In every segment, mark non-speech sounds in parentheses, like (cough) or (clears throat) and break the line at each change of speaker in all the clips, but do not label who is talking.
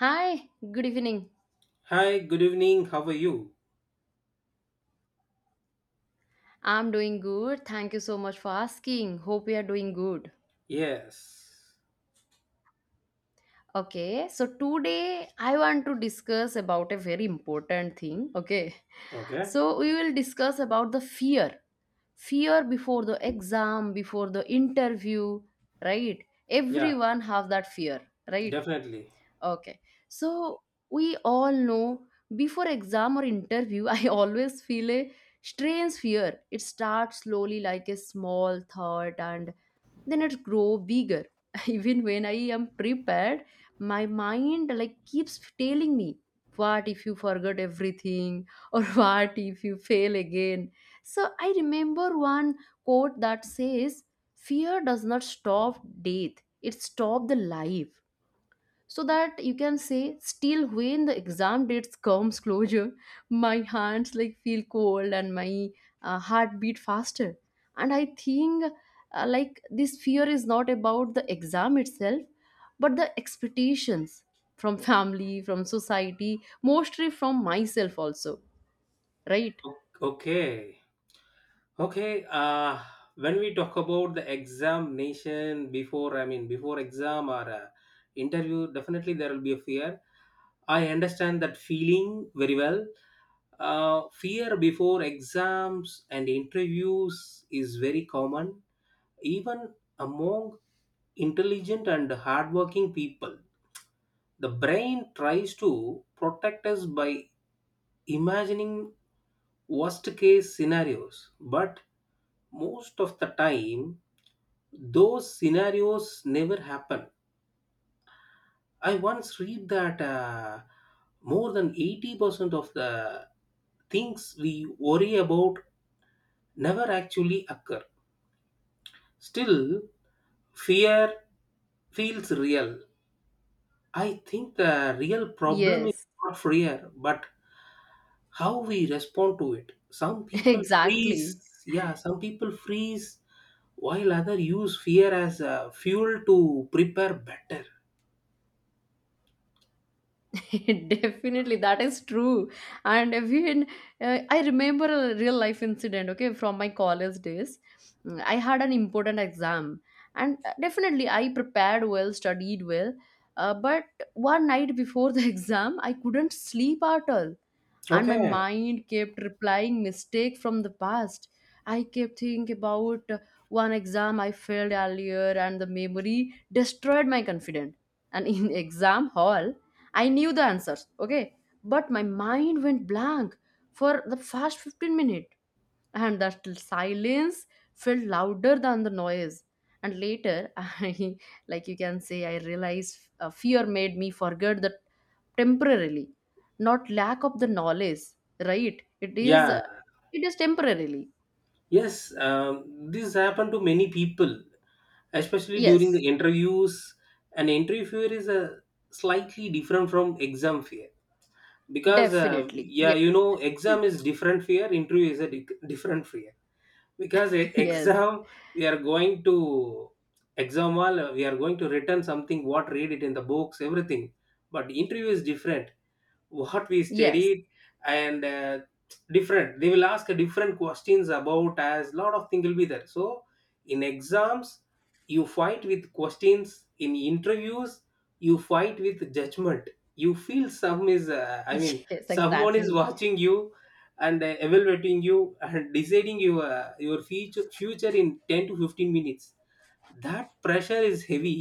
Hi, good evening.
Hi, good evening. How are you?
I'm doing good. Thank you so much for asking. Hope you are doing good.
Yes.
Okay, so today I want to discuss about a very important thing. Okay,
Okay.
so we will discuss about the fear. Fear before the exam, before the interview, right?
Yeah,
Everyone have that fear, right?
definitely.
Okay. So we all know before exam or interview, (laughs) I always feel a strange fear. It starts slowly like a small thought, and then it grow bigger. (laughs) Even when I am prepared, my mind like keeps telling me, what if you forgot everything (laughs) or what if you fail again? So I remember one quote that says, fear does not stop death, it stops the life, so that you can say still when the exam dates comes closer, (laughs) my hands like feel cold and my heart beat faster. And I think, like this fear is not about the exam itself, but the expectations from (laughs) family, from society, mostly from myself also, right?
Okay. Okay. When we talk about the examination before, I mean, before exam or interview, definitely there will be a fear. I understand that feeling very well. Fear before exams and interviews is very common, even among intelligent and hardworking people. The brain tries to protect us by imagining worst case scenarios, but most of the time those scenarios never happen. I once read that more than 80% of the things we worry about never actually occur. Still, fear feels real. I think the real problem is
Yes.
not fear, but how we respond to it. Some
(laughs)
people freeze,
Exactly.
yeah, some people freeze, while other use fear as fuel to prepare better.
(laughs) Definitely, that is true. And even I remember a real life incident, okay, from my college days. I had an important exam, and definitely I prepared well, studied well. But one night before the (laughs) exam, I couldn't sleep at all. And my
Okay.
mind kept replying mistake from the past. I kept thinking about one exam I failed earlier, and the memory destroyed my confidence. And in (laughs) exam hall I knew the answers, okay, but my mind went blank for the first 15 minutes, and the silence felt louder than the noise. And later, (laughs) I like you can say I realized fear made me forget that temporarily, not lack of the knowledge, right? It is
Yeah.
it is temporarily.
Yes. This happened to many people, especially during
Yes.
the interviews. And interview fear is a slightly different from exam fear, because
Definitely.
yeah,
Yes.
exam is different fear, interview is a different fear. Because e-
(laughs) Yes.
exam we are going to exam hall, we are going to return something what read it in the books, everything. But interview is different, what we
Yes.
studied, and different, they will ask different questions about, as lot of thing will be there. So in exams you fight with questions, in interviews you fight with judgment. You feel some is,
(laughs)
I mean,
Yes,
someone is
exactly.
watching you, and evaluating you and deciding your future in 10 to 15 minutes. That pressure is heavy.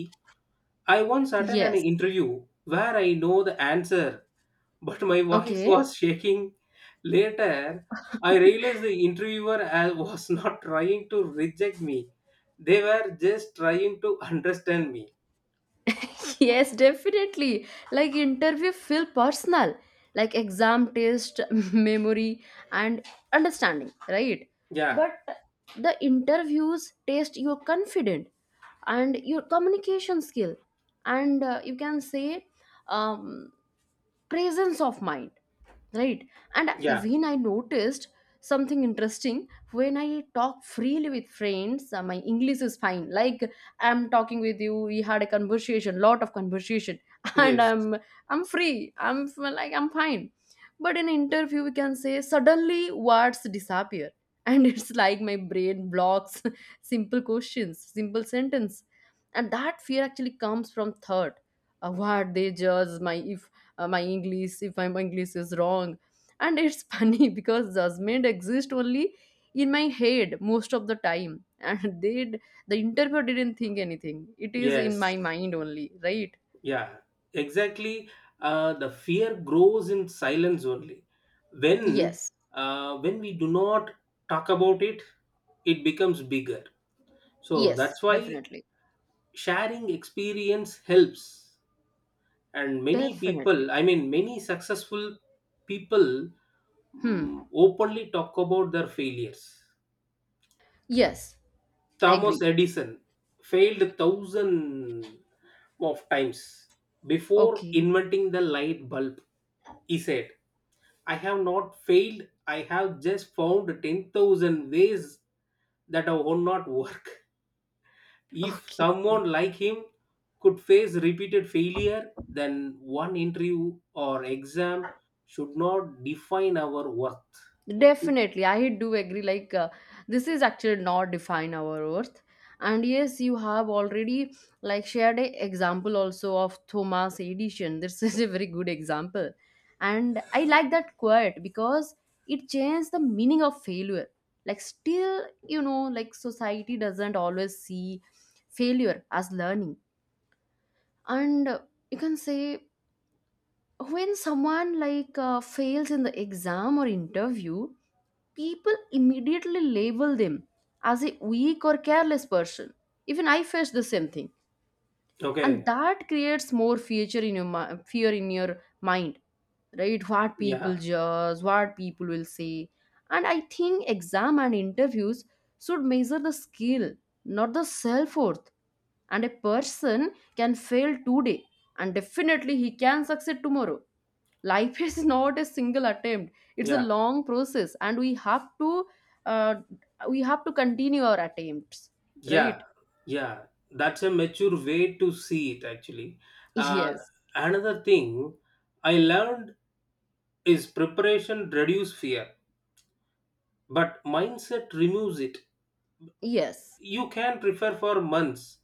I once attended an
Yes.
interview where I know the answer, but my voice
Okay.
was shaking. Later, I realized the interviewer was not trying to reject me. They were just trying to understand me.
(laughs) Yes, definitely. Like interview feel personal, like exam test, (laughs) memory and understanding, right?
Yeah,
But the interviews test your confident and your communication skill, and you can say, um, presence of mind, right? And
yeah,
even I noticed something interesting. When I talk freely with friends, my english is fine. Like, I'm talking with you, we had a conversation, lot of conversation, (laughs) and
yes,
I'm free, like I'm fine. But in interview, we can say, suddenly words disappear, and (laughs) it's like my brain blocks (laughs) simple questions, simple sentence. And that fear actually comes from third, what they judge my, if my english is wrong. And it's (laughs) funny because judgment exists only in my head most of the time. (laughs) And the interviewer didn't think anything. It is in
yes,
my mind only, right?
yeah, exactly. The fear grows in silence only. When
Yes.
when we do not talk about it, it becomes bigger. So
Yes.
that's why
Definitely.
sharing experience helps. And many people,
Definitely.
I mean, many successful people
Hmm.
openly talk about their failures.
Yes, I
Thomas
agree.
Edison failed thousand of times before
Okay.
inventing the light bulb. He said, I have not failed, I have just found 10,000 ways that have not work. If
Okay.
someone like him could face repeated failure, then one interview or exam should not define our worth.
Definitely, I do agree. Like, this is actually not define our worth. And yes, you have already like shared a example also of Thomas Edison. (laughs) This is a very good example, and I like that quote because it changed the meaning of failure. Like, still, you know, like society doesn't always see failure as learning, and you can say, when someone like fails in the exam or interview, people immediately label them as a weak or careless person. Even I faced the same thing. And
Okay.
that creates more fear in your mind, right? What
Yeah.
people judge, what people will say. And I think exam and interviews should measure the skill, not the self-worth. And a person can fail today, and definitely he can succeed tomorrow. Life is (laughs) not a single attempt, it's a
Yeah.
long process, and we have to, uh, continue our attempts,
Yeah.
right?
Yeah. That's a mature way to see it, actually. Uh,
Yes.
Another thing I learned is preparation reduce fear, but mindset removes it.
Yes.
You can prefer for months,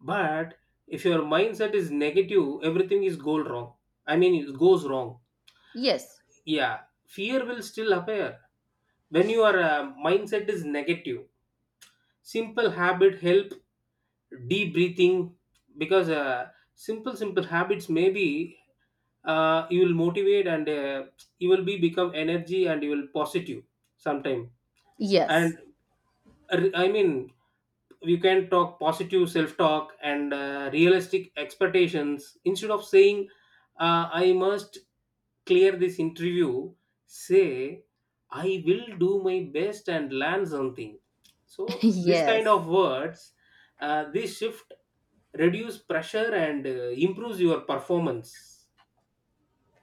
but if your mindset is negative, everything is go wrong, I mean, it goes wrong.
Yes.
Yeah, fear will still appear when your mindset is negative. Simple habit help, deep breathing, because simple habits maybe you will motivate and you will be become energy and you will positive sometime.
Yes.
And I mean, you can talk positive self talk and realistic expectations. Instead of saying I must clear this interview, say I will do my best and learn something.
(laughs)
So this kind
Yes,
of words, this shift reduce pressure and improves your performance.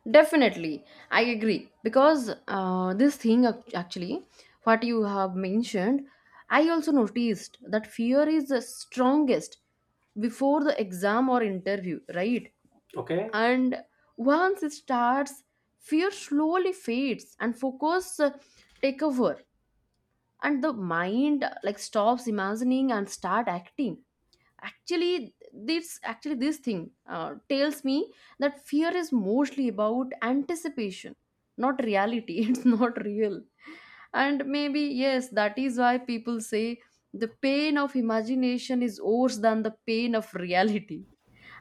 definitely. I agree, because this thing actually, what you have mentioned, I also noticed that fear is the strongest before the exam or interview, right?
Okay.
And once it starts, fear slowly fades and focus take over, and the mind like stops imagining and start acting. Actually, this thing tells me that fear is mostly about anticipation, not reality. (laughs) It's not real. And maybe yes, that is why people say, the pain of imagination is worse than the pain of reality.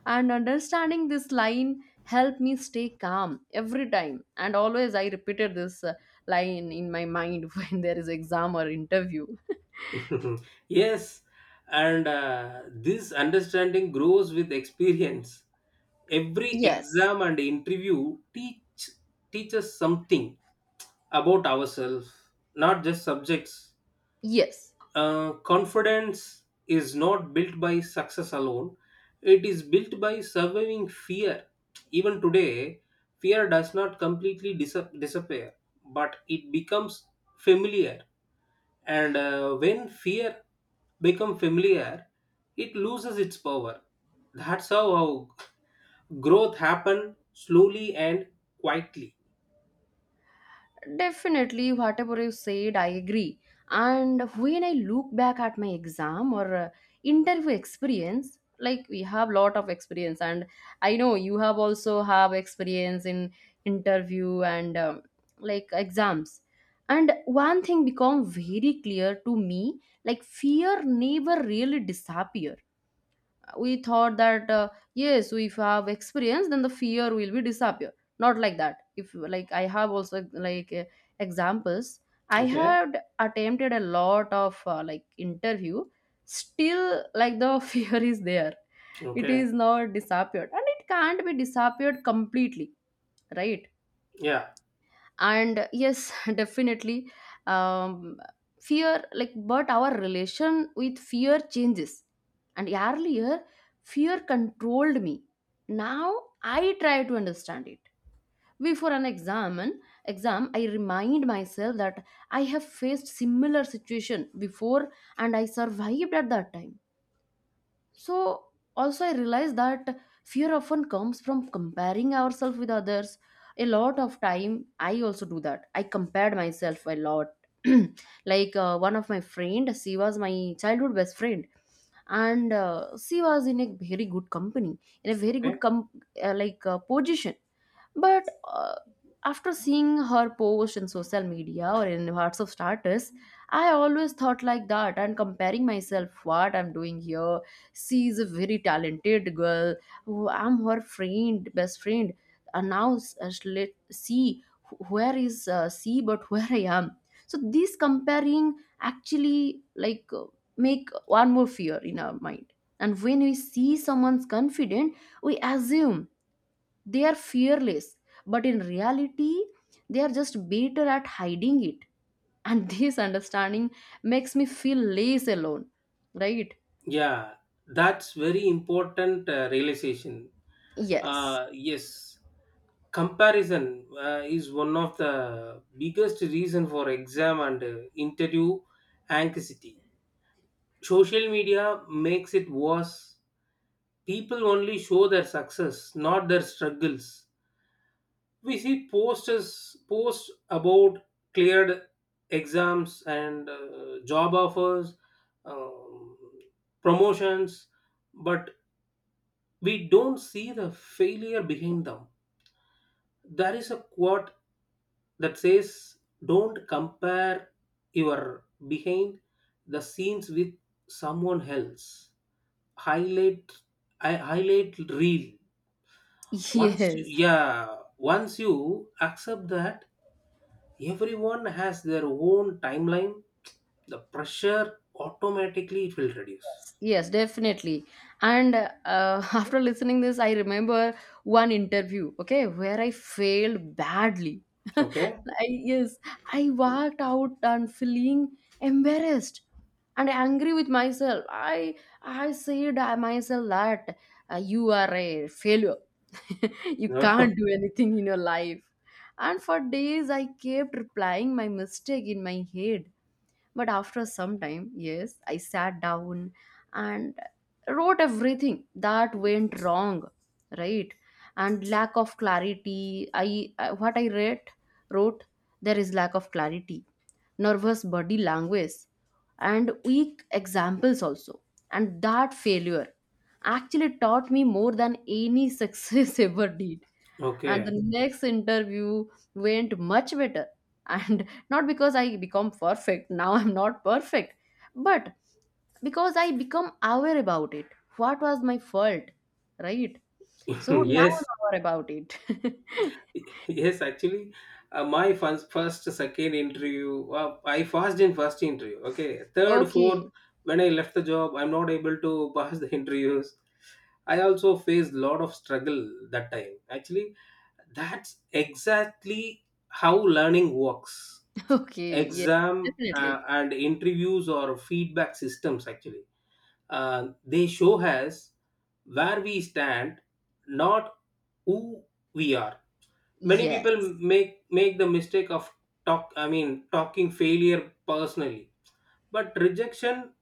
And understanding this line helped me stay calm every time, and always I repeated this line in my mind (laughs) when there is exam or interview.
(laughs) Yes. And this understanding grows with experience. Every
Yes.
exam and interview teaches something about ourselves, not just subjects.
Yes.
Confidence is not built by success alone, it is built by surviving fear. Even today fear does not completely disappear, but it becomes familiar. And when fear become familiar, it loses its power. That's how growth happen slowly and quietly.
Definitely, whatever you said, I agree. And when I look back at my exam or interview experience, like we have lot of experience, and I know you have also have experience in interview, and like exams. And one thing become very clear to me, like fear never really disappear. We thought that, yes, if you have experience, then the fear will be disappear. Not like that. If like, I have also like examples, I
Okay.
had attempted a lot of like interview, still like the (laughs) fear is there. It
Okay.
is not disappeared, and it can't be disappeared completely, right?
Yeah.
And yes, (laughs) definitely. um, fear like, but our relation with fear changes, and earlier fear controlled me. Now I try to understand it. Before an exam, I remind myself that I have faced similar situation before, and I survived at that time. So also I realized that fear often comes from comparing ourselves with others. A lot of time I also do that. I compared myself a lot. (clears throat) Like, one of my friend, she was my childhood best friend, and she was in a very good company, in a very good
Okay.
com- like position. But after seeing her post in social media or in hearts of starters, I always thought like that, and comparing myself what I'm doing here. She is a very talented girl. I'm her friend, best friend. And now let see where is she, but (laughs) where I am. So this comparing actually like make one more fear in our mind. And when we see someone's confident, we assume they are fearless, but in reality they are just better at hiding it. And (laughs) this understanding makes me feel less alone, right?
Yeah. That's very important realization.
Yes.
Yes. Comparison is one of the biggest reason for exam and interview anxiety. Social media makes it worse. People only show their success, not their struggles. We see posters posts about cleared exams and job offers, um, promotions, but we don't see the failure behind them. There is a quote that says, don't compare your behind the scenes with someone else highlight. I highlight real.
(laughs)
Once you,
Yes.
yeah, once you accept that everyone has their own timeline, the pressure automatically it will reduce.
Yes, definitely. And (laughs) after listening this, I remember one interview, okay, where I failed badly. (laughs)
Okay.
I, yes, I walked out and feeling embarrassed and angry with myself. I said I myself that you are a failure. (laughs) You can't do
(laughs)
anything in your life. And for days, I kept replying my mistake in my head, but after some time, yes, I sat down and wrote everything that went wrong, right? And lack of clarity. What I read wrote, there is lack of clarity, nervous body language, and weak examples also. And that failure actually taught me more than any success (laughs) ever did. And the
Okay.
next interview went much better, and (laughs) not because I become perfect. Now I'm not perfect, but because I become aware about it, what was my fault, right? So
(laughs)
now I'm
Yes.
aware about it.
Yes, actually, my first, second interview, I passed in first interview. Okay,
(laughs)
third, fourth,
Okay.
when I left the job, I'm not able to (laughs) pass the interviews. I also faced lot of struggle that time, actually. That's exactly how learning works.
(laughs) Okay. Yeah.
Exam
Definitely.
and interviews or feedback systems, actually, they show us where we stand, not who we are. Many people
Yes.
make the mistake of talk, I mean, talking failure personally. But rejection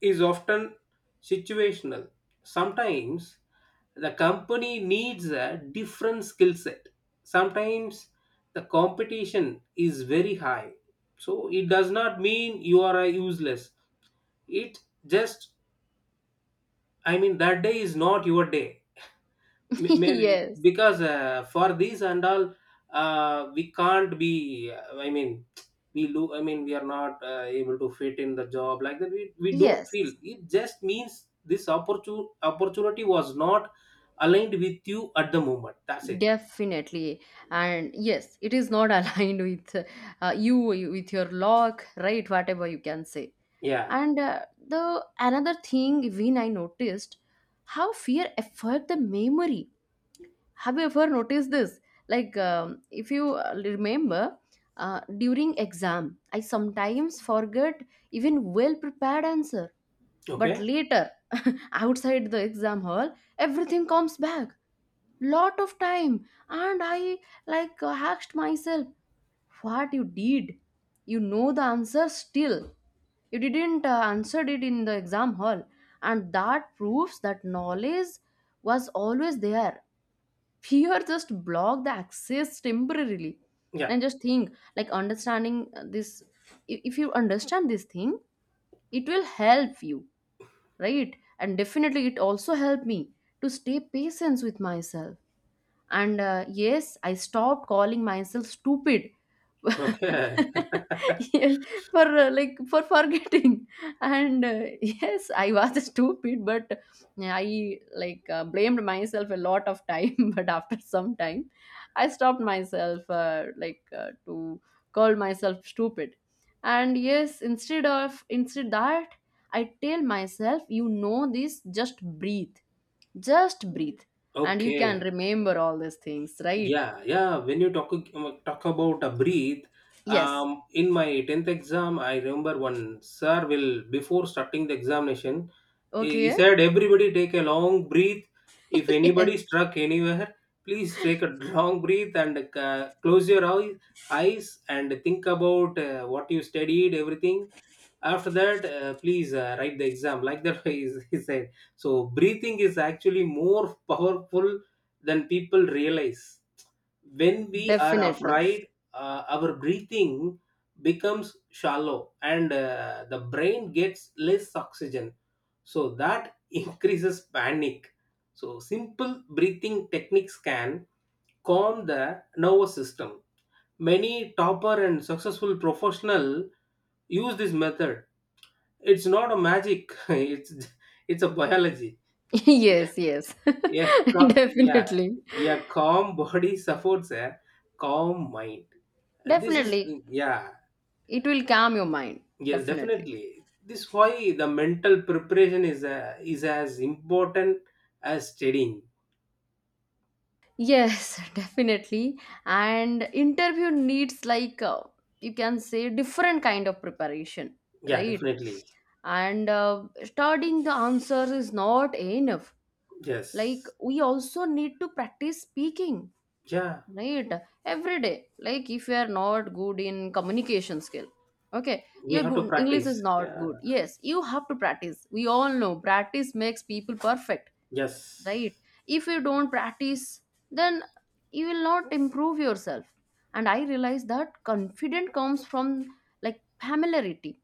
is often situational. Sometimes the company needs a different skill set, sometimes the competition is very high. So it does not mean you are a useless, it just, I mean, that day is not your day.
(laughs)
Maybe
Yes.
because for these and all, we can't be I mean, we I mean, we are not able to fit in the job like that, we don't feel
Yes,
it, just means this opportunity was not aligned with you at the moment, that's it.
definitely. And yes, it is not (laughs) aligned with, you, with your luck, right? Whatever you can say.
Yeah.
And the another thing, when I noticed how fear affect the memory. Have you ever noticed this? Like, if you remember, during exam I sometimes forget even well prepared answer, but
Okay.
later, (laughs) outside the exam hall, everything comes back. Lot of time. And I, like, asked myself, what you did? You know the answer still. You didn't answer it in the exam hall. And that proves that knowledge was always there. (laughs) Fear just blocked the access temporarily.
Yeah.
And just think, like understanding this, if you understand this thing, it will help you, right? And definitely it also helped me to stay patient with myself. And yes, I stopped calling myself stupid.
Okay. (laughs)
(laughs) Yes, for like, for forgetting. And yes, I was (laughs) stupid, but I like blamed myself a lot of time. (laughs) But after some time I stopped myself, like, to call myself stupid. And yes, instead that, I tell myself, you know this, just breathe, just breathe, and you can
Okay.
remember all these things, right?
Yeah. Yeah. When you talk about a breathe,
Yes.
in my 10th exam, I remember one sir will before starting the examination, he
Okay.
said everybody take a long breath.
(laughs)
If anybody
Yes.
struck anywhere, please take a (laughs) long breath and close your eyes and think about what you studied, everything. After that, please write the exam, like that (laughs) he said. So breathing is actually more powerful than people realize. When we are
Definitely.
afraid, our breathing becomes shallow and the brain gets less oxygen, so that (laughs) increases panic. So simple breathing techniques can calm the nervous system. Many topper and successful professional use this method. It's not a magic. (laughs) It's a biology.
(laughs)
Yeah,
Yes, yes.
yeah,
(laughs)
yeah,
Definitely.
yeah. Calm body supports a calm mind. This is,
Definitely.
yeah,
It will calm your mind.
yeah,
Definitely.
definitely. This why the mental preparation is as important as studying.
Yes, (laughs) definitely. And interview needs like, you can say, different kind of preparation,
Yeah,
right?
definitely.
And studying the answers is not enough. Like
Yes.
we also need to practice speaking,
Yeah,
right, every day. Like if you are not good in communication skill, okay,
we
your
have to
good English is
practice.
not
Yeah.
good. Yes, you have to practice. We all know practice makes people perfect, right?
Yes.
If you don't practice, then you will not improve yourself. And I realize that confidence comes from like familiarity.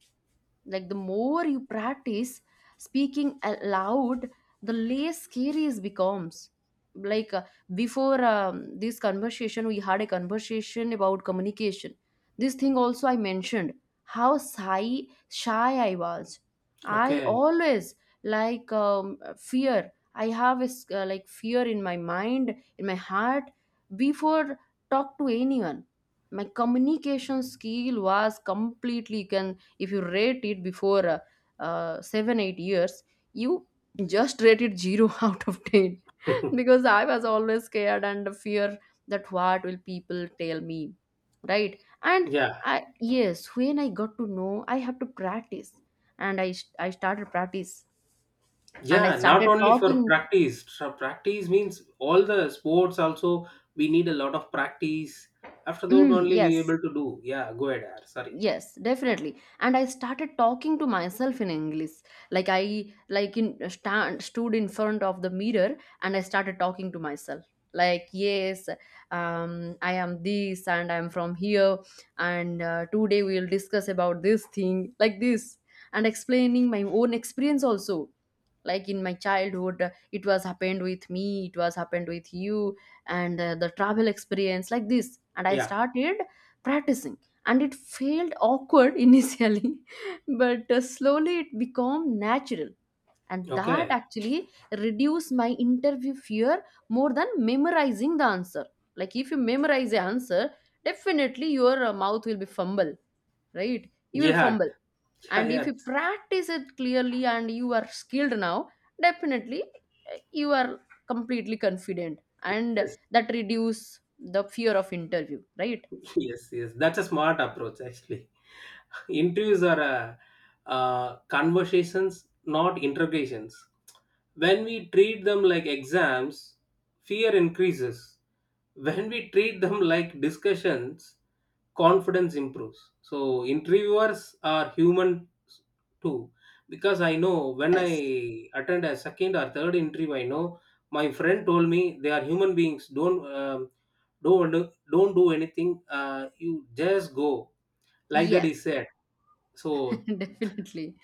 Like the more you practice speaking aloud, the less scary it becomes. like uh, before this conversation we had a conversation about communication. This thing also I mentioned, how shy I was. I
Okay.
always, fear, I have a, like fear in my mind, in my heart before talk to anyone. My communication skill was completely, you can, if you rate it before 7 8 years, you just rated 0 (laughs) out of 10,
(laughs)
because I was always scared and fear that what will people tell me, right? And
Yeah.
I, yes, when I got to know I have to practice, and I started practice and I
Yeah, not
started
only for
talking.
practice. So practice means all the sports also, we need a lot of practice. After that
Mm,
only we
yes.
able to do. Yeah, go ahead. Sorry.
Yes, definitely. And I started talking to myself in English, like I like in stand stood in front of the mirror, and I started talking to myself, like, yes, I am this and I'm from here, and today we'll discuss about this thing like this, and explaining my own experience also, like in my childhood, it was happened with me, it was happened with you, and the travel experience like this, and I
Yeah.
started practicing. And it felt awkward (laughs) initially, but slowly it became natural, and that
Okay.
actually reduced my interview fear more than memorizing the answer. Like if you memorize the answer, definitely your mouth will be fumble, right? You will
Yeah.
fumble.
(laughs) Yeah.
And if
Yeah.
you practice it clearly and you are skilled now, definitely you are completely confident, and
Yes.
that reduce the fear of interview, right?
Yes. Yes. That's a smart approach, actually. (laughs) Interviews are conversations, not interrogations. When we treat them like exams, fear increases. When we treat them like discussions, confidence improves. So interviewers are human too, because I know when I
Yes,
attend a second or third interview, I know, my friend told me they are human beings, don't don't do anything, you just go, like that
yes.
he said. so
(laughs) Definitely.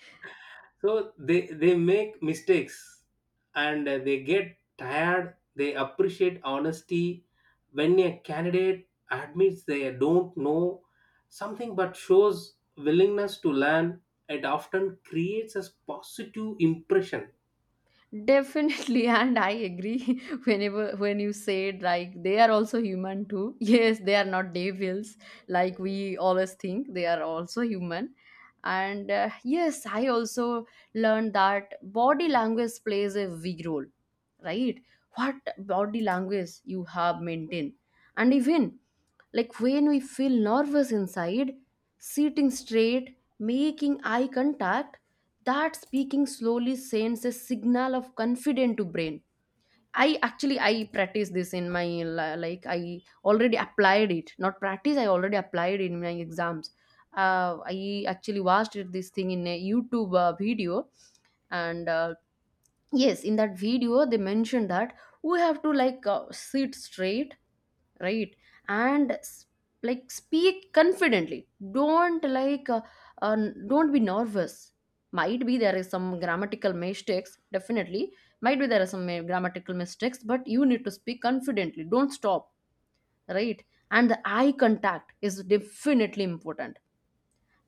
so they make mistakes, and they get tired, they appreciate honesty. When a candidate admits they don't know something but shows willingness to learn, it often creates a positive impression.
Definitely. And I agree, (laughs) whenever when you said like they are also human too. (laughs) Yes, they are not devils like we always think. They are also human. And yes, I also learned that body language plays a big role, right? What body language you have maintained. And even like when we feel nervous inside, sitting straight, making eye contact, that speaking slowly sends a signal of confidence to brain. I actually, I practice this in my li- like I already applied it, not practice, I already applied in my exams. I actually watched this thing in a YouTube video, and yes, in that video they mentioned that we have to sit straight, right? And like speak confidently, don't uh, don't be nervous. Might be there is some grammatical mistakes, definitely might be there are some grammatical mistakes, but you need to speak confidently, don't stop, right? And the eye contact is definitely important,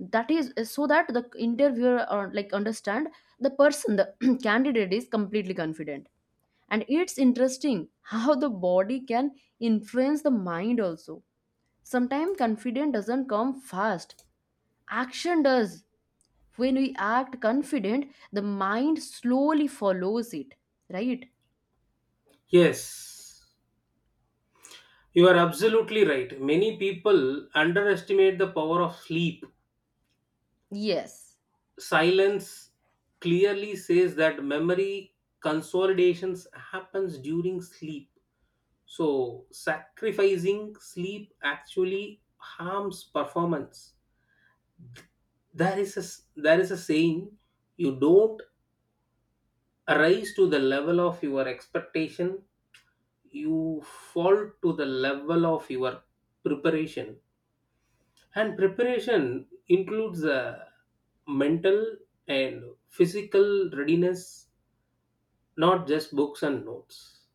that is so that the interviewer or like understand the person, the (clears throat) candidate is completely confident. And it's interesting how the body can influence the mind also. Sometimes confidence doesn't come fast, action does. When we act confident, the mind slowly follows it, right?
Yes, you are absolutely right. Many people underestimate the power of sleep,
Yes,
silence. Clearly says that memory consolidations happens during sleep. So, sacrificing sleep actually harms performance. There is a saying: you don't rise to the level of your expectation, you fall to the level of your preparation. And preparation includes a mental and physical readiness, not just books and notes.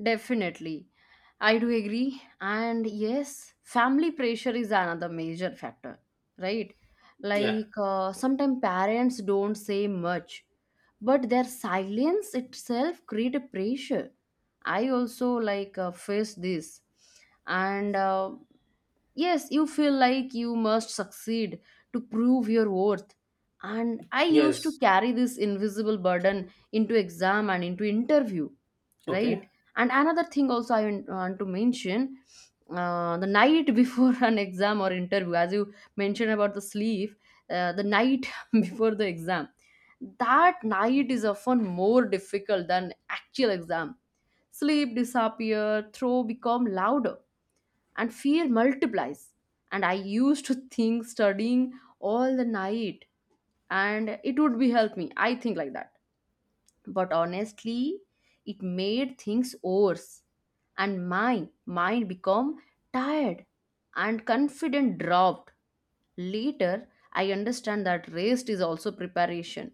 definitely. I do agree. And yes, family pressure is another major factor, right?
Yeah.
Sometimes parents don't say much, but their silence itself create a pressure. I also face this, and yes, you feel like you must succeed to prove your worth. And I used to
Yes.
carry this invisible burden into exam and into interview,
Okay.
right? And another thing also I want to mention, the night before (laughs) an exam or interview, as you mentioned about the sleep, the night (laughs) before the exam, that night is often more difficult than actual exam. Sleep disappear, throw become louder and fear multiplies, and I used to think studying all the night and it would be help me, I think like that, but honestly it made things worse, and my mind became tired and confidence dropped. Later I understand that rest is also preparation.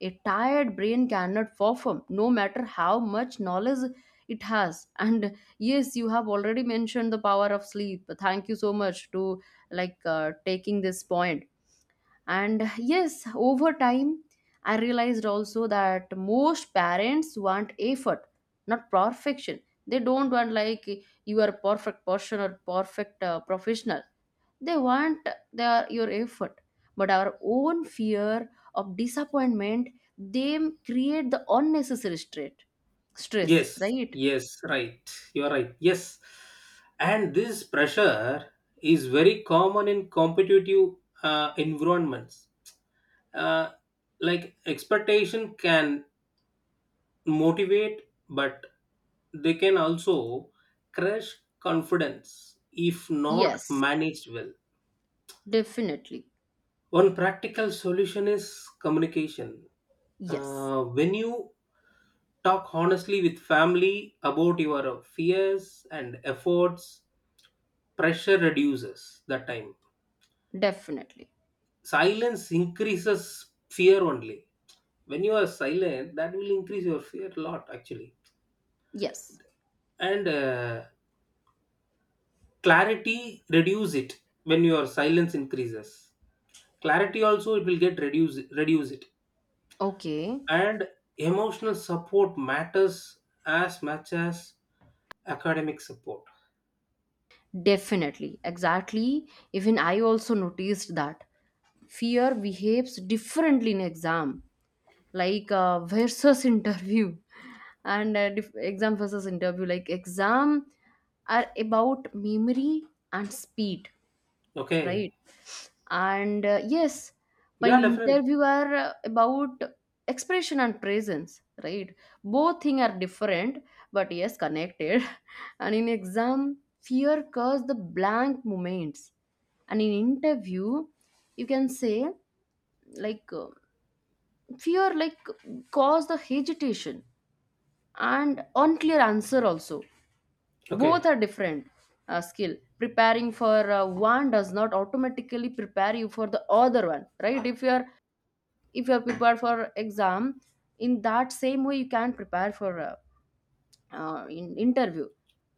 A tired brain cannot perform no matter how much knowledge it has. And yes, you have already mentioned the power of sleep, thank you so much to taking this point. And yes, over time, I realized also that most parents want effort, not perfection. They don't want like you are a perfect person or perfect professional. They want their your effort. But our own fear of disappointment, they create the unnecessary stress,
Yes,
right?
yes, right. You are right. Yes. And this pressure is very common in competitive environments. Uh, like expectation can motivate, but they can also crush confidence if not
Yes,
managed well.
definitely.
One practical solution is communication.
Yes,
When you talk honestly with family about your fears and efforts, pressure reduces that time.
definitely.
Silence increases fear only. When you are silent, that will increase your fear a lot actually.
Yes.
And clarity reduce it when your silence increases. Clarity also it will get reduce it.
Okay.
And emotional support matters as much as academic support.
Definitely, exactly. Even I also noticed that fear behaves differently in exam, versus (laughs) interview, and exam versus interview. Like exam are about memory and speed,
Okay.
right? And yes, while
Yeah. Definitely.
interview are about expression and presence, right? Both thing are different but yes connected. (laughs) And in exam fear cause the blank moments, and in interview you can say like uh, fear like cause the hesitation and unclear answer also.
Okay.
Both are different. Skill preparing for one does not automatically prepare you for the other one, right? If you are, if you are prepared for exam in that same way you can prepare for in interview.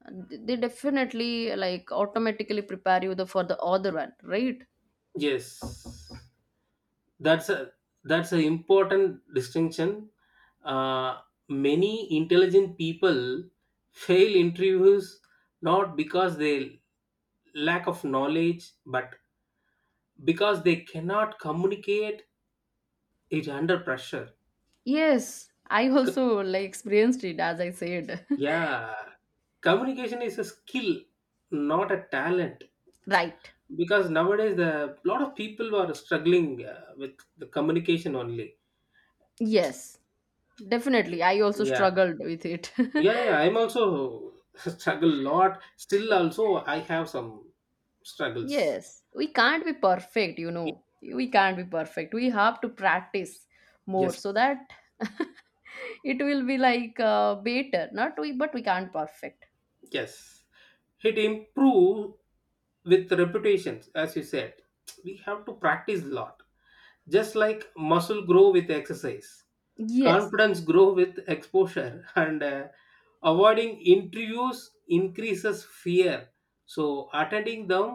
And they definitely like automatically prepare you the for the other one, right?
Yes. That's a that's an important distinction. uh, Many intelligent people fail interviews, not because they lack of knowledge but because they cannot communicate it under pressure.
Yes, I
C-
also like experienced it as I said.
yeah, communication is a skill, not a talent.
(laughs) Right.
Because nowadays the lot of people are struggling with the communication only.
Yes, definitely, I also
Yeah,
struggled with it.
yeah,
(laughs)
yeah, I'm also (laughs) struggle a lot, still also I have some struggles.
Yes, we can't be perfect, you know. We can't be perfect. We have to practice more,
Yes,
so that (laughs) it will be better. Not we, but we can't perfect.
yes, it improve with reputations, as you said, we have to practice a lot. Just like muscle grow with exercise,
Yes,
confidence grow with exposure, and avoiding interviews increases fear. So attending them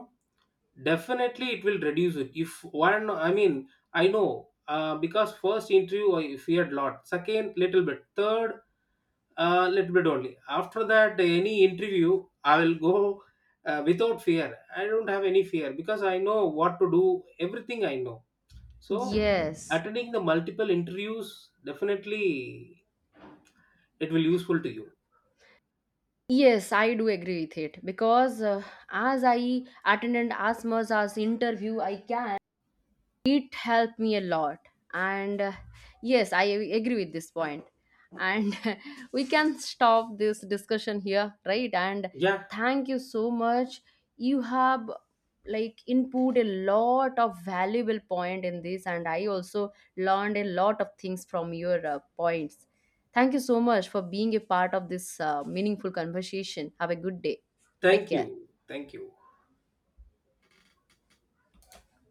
definitely it will reduce it. If one, I mean, I know, because first interview I feared lot, second little bit, third a little bit only. After that, any interview, I will go, without fear. I don't have any fear because I know what to do. Everything I know. So
yes,
attending the multiple interviews definitely it will useful to you.
yes. I do agree with it, because as I attended as much as interview I can, it helped me a lot, and yes, I agree with this point. And (laughs) we can stop this discussion here, right? And
Yeah,
thank you so much, you have like input a lot of valuable point in this, and I also learned a lot of things from your points. Thank you so much for being a part of this meaningful conversation. Have a good day. Take
thank
care.
you. Thank you.